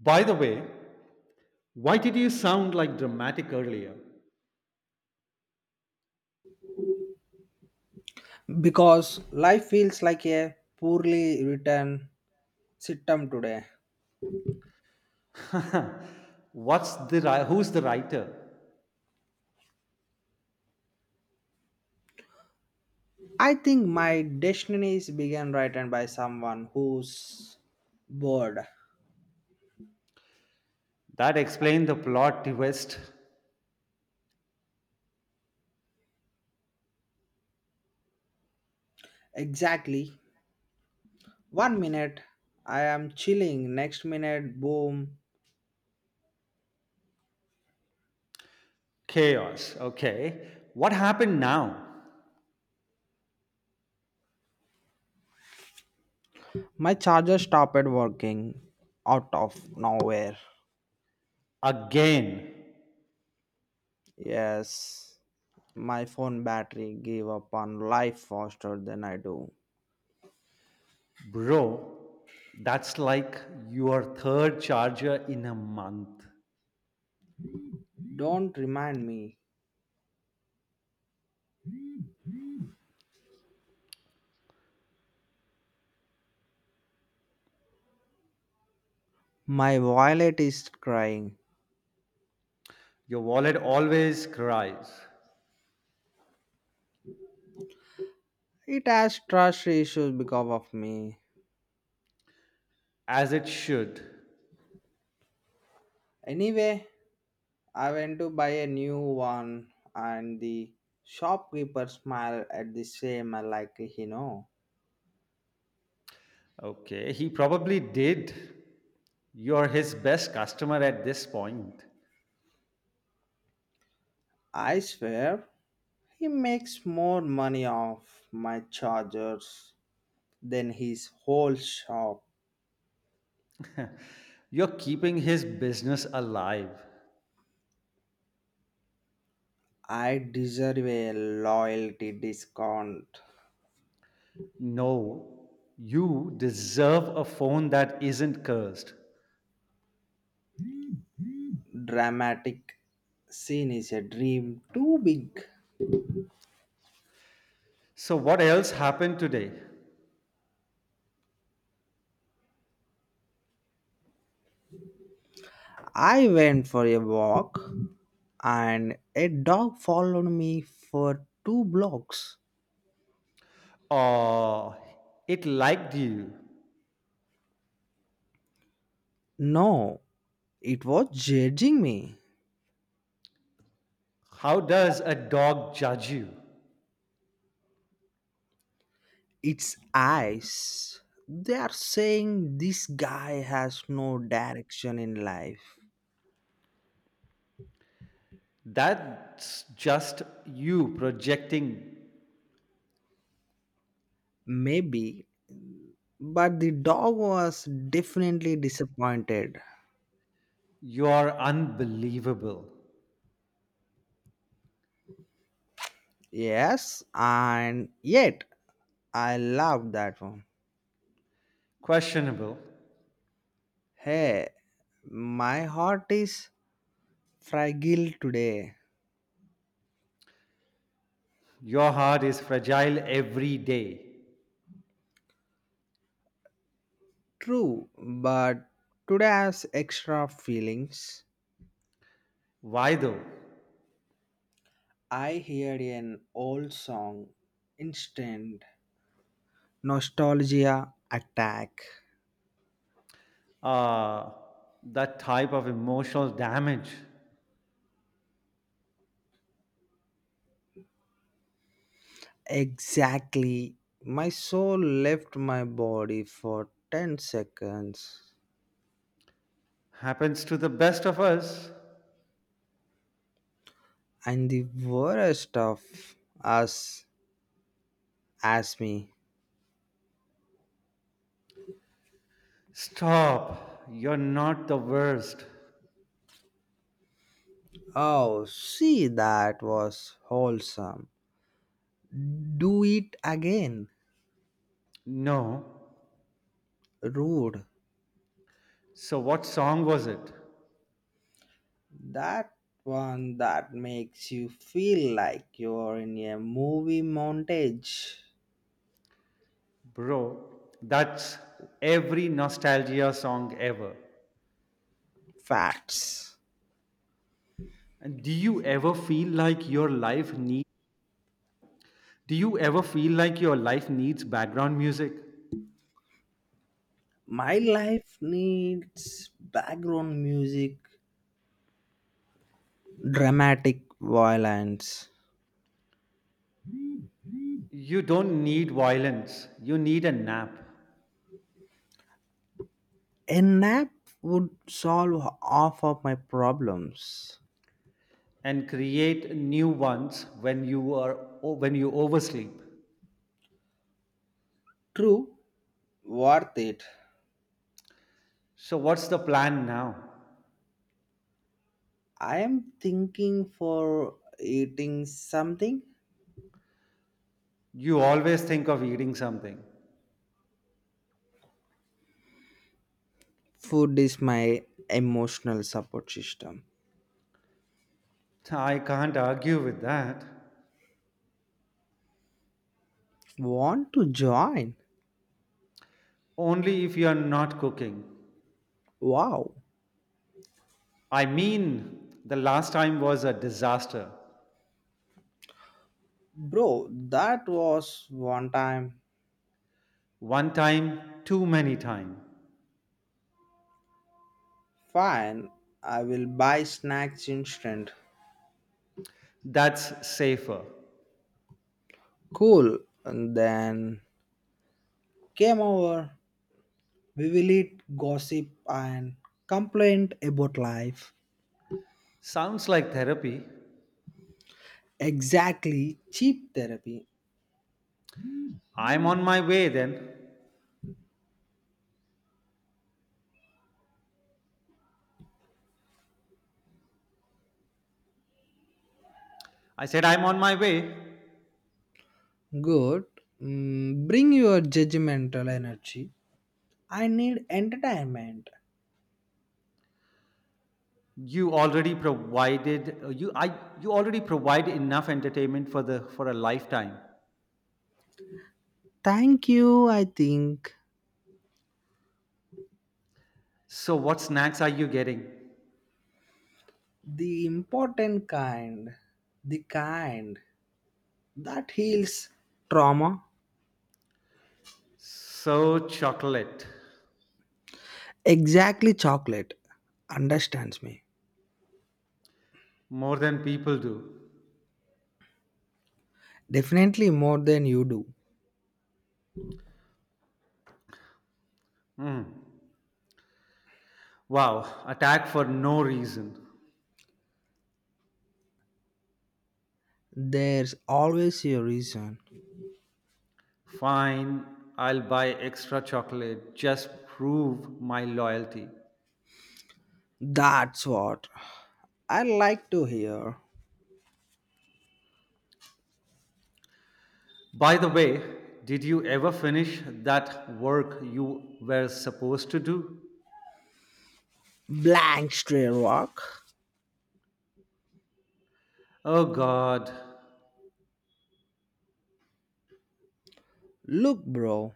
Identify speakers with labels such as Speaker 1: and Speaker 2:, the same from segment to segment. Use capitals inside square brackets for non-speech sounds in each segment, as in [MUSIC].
Speaker 1: By the way, why did you sound like dramatic earlier?
Speaker 2: Because life feels like a poorly written sitcom today.
Speaker 1: [LAUGHS] What's the who's the writer?
Speaker 2: I think my destiny is being written by someone who's bored.
Speaker 1: That explained the plot twist.
Speaker 2: Exactly. One minute I am chilling, next minute, boom,
Speaker 1: Chaos. Okay. What happened now?
Speaker 2: my charger stopped working out of nowhere.
Speaker 1: Again,
Speaker 2: Yes, my phone battery gave up on life faster than I do.
Speaker 1: bro. That's like your third charger in a month.
Speaker 2: Don't remind me. My wallet is crying.
Speaker 1: Your wallet always cries,
Speaker 2: It has trust issues because of me.
Speaker 1: as it should.
Speaker 2: Anyway, I went to buy a new one and the shopkeeper smiled at the same like he know.
Speaker 1: Okay, he probably did. You're his best customer at this point.
Speaker 2: I swear he makes more money off my chargers than his whole shop.
Speaker 1: You're keeping his business alive.
Speaker 2: I deserve a loyalty discount.
Speaker 1: No, you deserve a phone that isn't cursed.
Speaker 2: Dramatic scene is a dream too big.
Speaker 1: So, what else happened today?
Speaker 2: I went for a walk and a dog followed me for two blocks.
Speaker 1: Oh, it liked you.
Speaker 2: No, it was judging me.
Speaker 1: How does a dog judge you?
Speaker 2: Its eyes. They are saying this guy has no direction in life.
Speaker 1: That's just you projecting.
Speaker 2: Maybe, but the dog was definitely disappointed.
Speaker 1: You are unbelievable.
Speaker 2: Yes, and yet I love that one.
Speaker 1: Questionable.
Speaker 2: Hey, my heart is fragile today.
Speaker 1: Your heart is fragile every day.
Speaker 2: True, but today has extra feelings.
Speaker 1: Why though?
Speaker 2: I heard an old song, instant nostalgia attack.
Speaker 1: Uh, that type of emotional damage.
Speaker 2: Exactly. My soul left my body for 10 seconds.
Speaker 1: Happens to the best of us.
Speaker 2: And the worst of us asked me,
Speaker 1: Stop. You're not the worst.
Speaker 2: oh, see, that was wholesome. Do it again.
Speaker 1: No.
Speaker 2: Rude.
Speaker 1: So, what song was it?
Speaker 2: That one that makes you feel like you're in a movie montage.
Speaker 1: Bro, that's every nostalgia song ever.
Speaker 2: Facts.
Speaker 1: And do you ever feel like your life needs background music?
Speaker 2: My life needs background music, dramatic violence.
Speaker 1: You don't need violence. You need a nap
Speaker 2: A nap would solve half of my problems.
Speaker 1: and create new ones when you oversleep.
Speaker 2: True, worth it.
Speaker 1: So what's the plan now?
Speaker 2: I am thinking for eating something.
Speaker 1: You always think of eating something.
Speaker 2: Food is my emotional support system.
Speaker 1: I can't argue with that.
Speaker 2: Want to join?
Speaker 1: Only if you are not cooking.
Speaker 2: Wow,
Speaker 1: I mean, the last time was a disaster.
Speaker 2: bro, that was one time.
Speaker 1: One time, too many time.
Speaker 2: Fine, I will buy snacks instant.
Speaker 1: That's safer.
Speaker 2: Cool, and then came over. We will eat, gossip, and complain about life.
Speaker 1: Sounds like therapy.
Speaker 2: Exactly, cheap therapy.
Speaker 1: I'm on my way then. I said I'm on my way.
Speaker 2: Good, bring your judgmental energy. I need entertainment.
Speaker 1: You already provided uh, you I you already provide enough entertainment for a lifetime.
Speaker 2: Thank you, I think.
Speaker 1: So what snacks are you getting?
Speaker 2: The important kind. The kind that heals trauma.
Speaker 1: So chocolate.
Speaker 2: Exactly, chocolate understands me.
Speaker 1: More than people do.
Speaker 2: Definitely more than you do.
Speaker 1: Mm. Wow, attack for no reason.
Speaker 2: There's always a reason.
Speaker 1: Fine, I'll buy extra chocolate. Just prove my loyalty.
Speaker 2: That's what I like to hear.
Speaker 1: By the way, did you ever finish that work you were supposed to do?
Speaker 2: Blank stray rock.
Speaker 1: Oh God.
Speaker 2: Look, bro,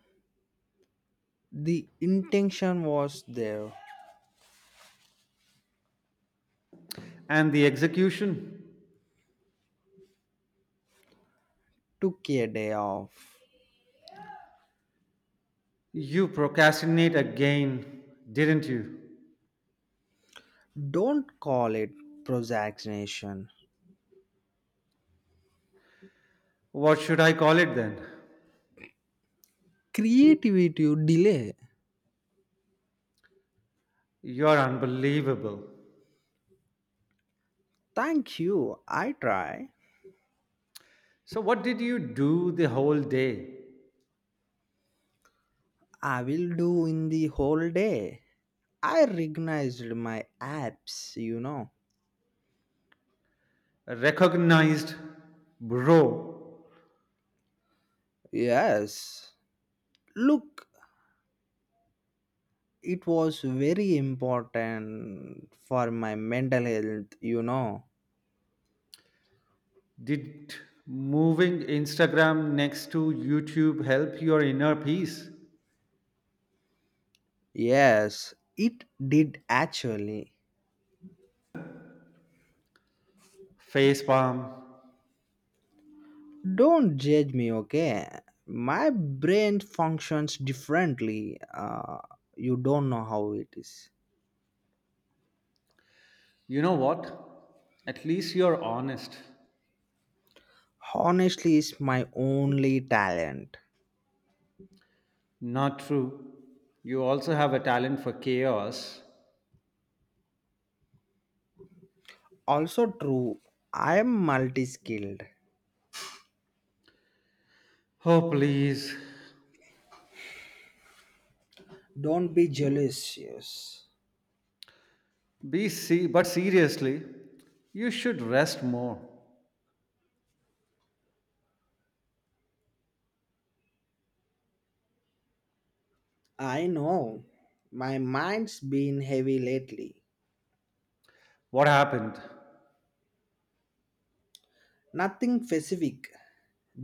Speaker 2: the intention was there.
Speaker 1: And the execution?
Speaker 2: Took a day off.
Speaker 1: You procrastinate again, didn't you?
Speaker 2: Don't call it procrastination.
Speaker 1: What should I call it then?
Speaker 2: Creativity delay.
Speaker 1: You're unbelievable.
Speaker 2: Thank you. I try.
Speaker 1: So, what did you do the whole day?
Speaker 2: I will do in the whole day. I recognized my apps, you know.
Speaker 1: Recognized, bro?
Speaker 2: Yes. Look, it was very important for my mental health, you know.
Speaker 1: Did moving Instagram next to YouTube help your inner peace?
Speaker 2: Yes, it did actually.
Speaker 1: Face palm.
Speaker 2: Don't judge me, okay? My brain functions differently. You don't know how it is.
Speaker 1: You know what, at least you're honest.
Speaker 2: Honestly, it's my only talent.
Speaker 1: Not true, you also have a talent for chaos.
Speaker 2: Also true. I am multi skilled.
Speaker 1: Oh please.
Speaker 2: Don't be jealous. Yes.
Speaker 1: Be see but seriously, you should rest more.
Speaker 2: I know. My mind's been heavy lately.
Speaker 1: What happened?
Speaker 2: Nothing specific.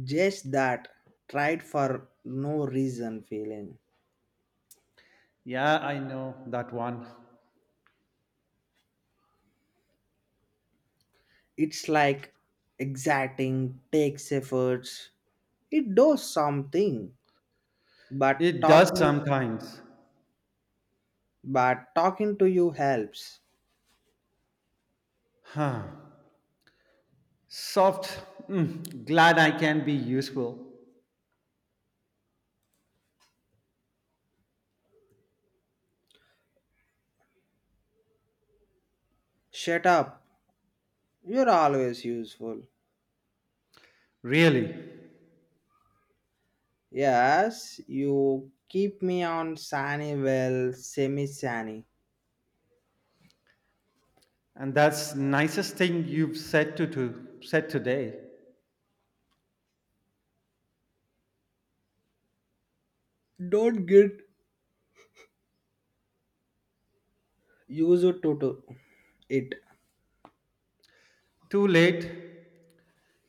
Speaker 2: Just that tried for no reason feeling.
Speaker 1: Yeah, I know that one.
Speaker 2: It's like exerting, takes efforts. It does something. But
Speaker 1: It does
Speaker 2: talking
Speaker 1: sometimes.
Speaker 2: but talking to you helps.
Speaker 1: Huh. Soft, "Mm, glad I can be useful."
Speaker 2: Shut up. You're always useful.
Speaker 1: Really?
Speaker 2: Yes, you keep me on sani well, semi sani.
Speaker 1: And that's nicest thing you've said to said today.
Speaker 2: Don't get used to it.
Speaker 1: Too late,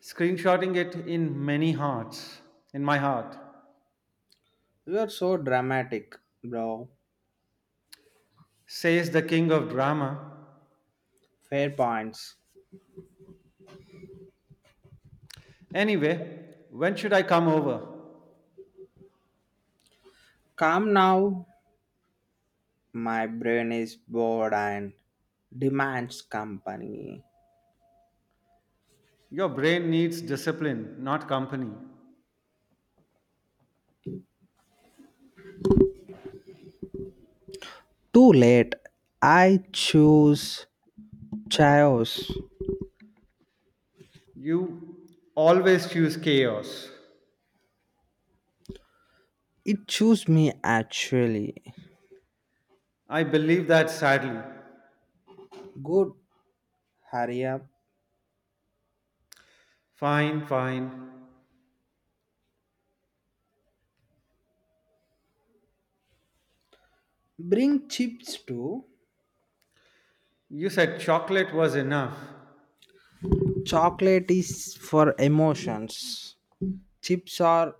Speaker 1: screenshotting it in many hearts, in my heart.
Speaker 2: You are so dramatic, bro.
Speaker 1: Says the king of drama.
Speaker 2: Fair points.
Speaker 1: Anyway, when should I come over?
Speaker 2: Come now. My brain is bored and demands company.
Speaker 1: Your brain needs discipline, not company.
Speaker 2: Too late. I choose chaos.
Speaker 1: You always choose chaos.
Speaker 2: It choose me actually.
Speaker 1: I believe that sadly.
Speaker 2: Good. Hurry up.
Speaker 1: Fine, fine.
Speaker 2: Bring chips too.
Speaker 1: You said chocolate was enough.
Speaker 2: Chocolate is for emotions. Chips are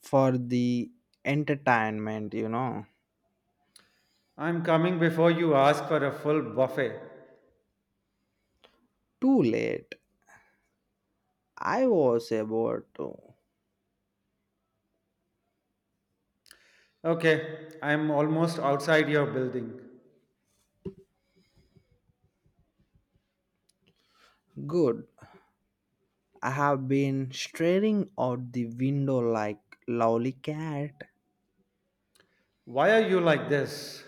Speaker 2: for the entertainment, you know.
Speaker 1: I'm coming before you ask for a full buffet.
Speaker 2: Too late. I was about to.
Speaker 1: Okay, I'm almost outside your building.
Speaker 2: Good. I have been staring out the window like lowly cat.
Speaker 1: Why are you like this?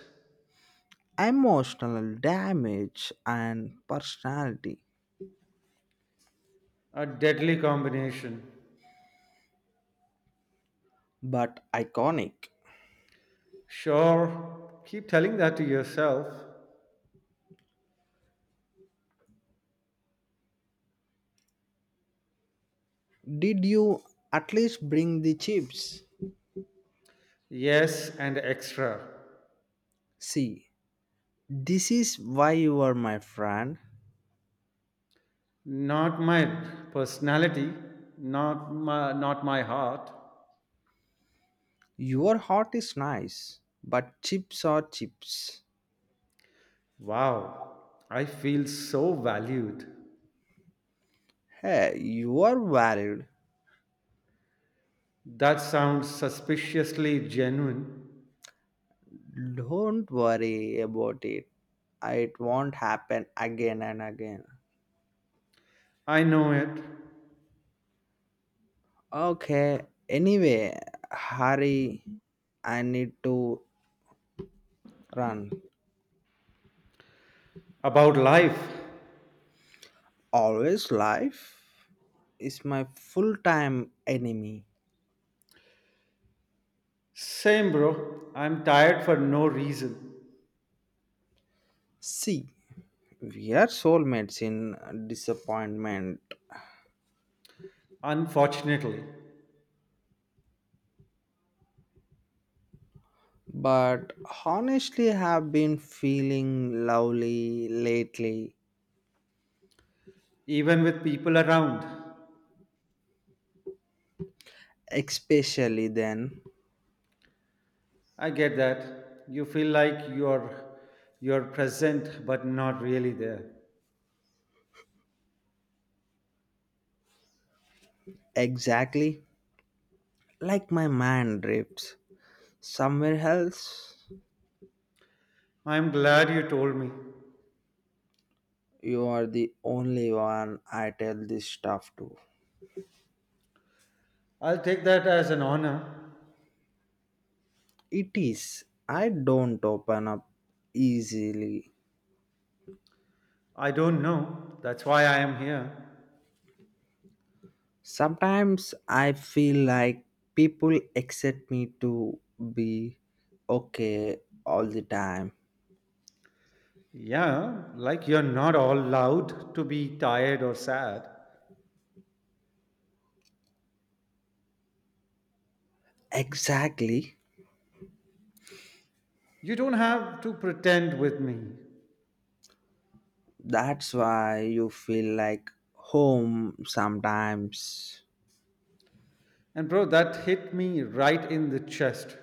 Speaker 2: Emotional damage and personality,
Speaker 1: A deadly combination.
Speaker 2: but iconic.
Speaker 1: Sure, keep telling that to yourself.
Speaker 2: Did you at least bring the chips?
Speaker 1: Yes, and extra.
Speaker 2: See, this is why you are my friend.
Speaker 1: Not my personality, not my heart.
Speaker 2: Your heart is nice, but chips are chips.
Speaker 1: Wow, I feel so valued.
Speaker 2: Hey, you are valid.
Speaker 1: That sounds suspiciously genuine.
Speaker 2: Don't worry about it. It won't happen again and again.
Speaker 1: I know it.
Speaker 2: Okay, anyway, hurry. I need to run.
Speaker 1: About life.
Speaker 2: Always life is my full time enemy.
Speaker 1: Same, bro. I'm tired for no reason.
Speaker 2: See, we are soulmates in disappointment.
Speaker 1: Unfortunately,
Speaker 2: But honestly have been feeling lovely lately,
Speaker 1: even with people around.
Speaker 2: especially then.
Speaker 1: I get that. You feel like you're present but not really there.
Speaker 2: Exactly, like my man drifts somewhere else.
Speaker 1: I'm glad you told me.
Speaker 2: You are the only one I tell this stuff to.
Speaker 1: I'll take that as an honor.
Speaker 2: It is, I don't open up easily.
Speaker 1: I don't know. That's why I am here.
Speaker 2: Sometimes I feel like people accept me to be okay all the time.
Speaker 1: Yeah, like you're not all allowed to be tired or sad.
Speaker 2: Exactly.
Speaker 1: You don't have to pretend with me.
Speaker 2: That's why you feel like home sometimes.
Speaker 1: And bro, that hit me right in the chest.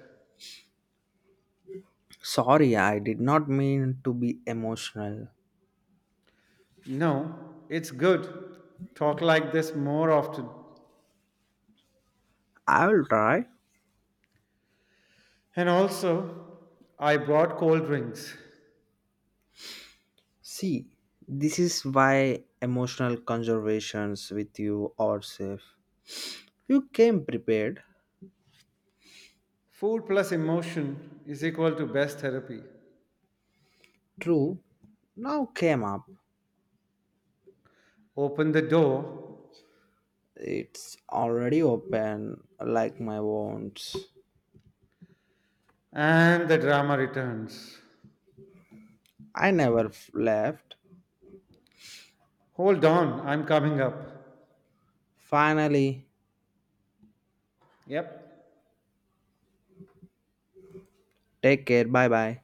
Speaker 2: Sorry, I did not mean to be emotional.
Speaker 1: No, it's good. Talk like this more often.
Speaker 2: I will try.
Speaker 1: And also, I brought cold drinks.
Speaker 2: See, this is why emotional conversations with you are safe. You came prepared.
Speaker 1: Food plus emotion is equal to best therapy.
Speaker 2: True, now came up.
Speaker 1: Open the door
Speaker 2: It's already open, like my wounds.
Speaker 1: and the drama returns.
Speaker 2: I never f- left.
Speaker 1: Hold on, I'm coming up.
Speaker 2: Finally,
Speaker 1: Yep.
Speaker 2: take care. Bye bye.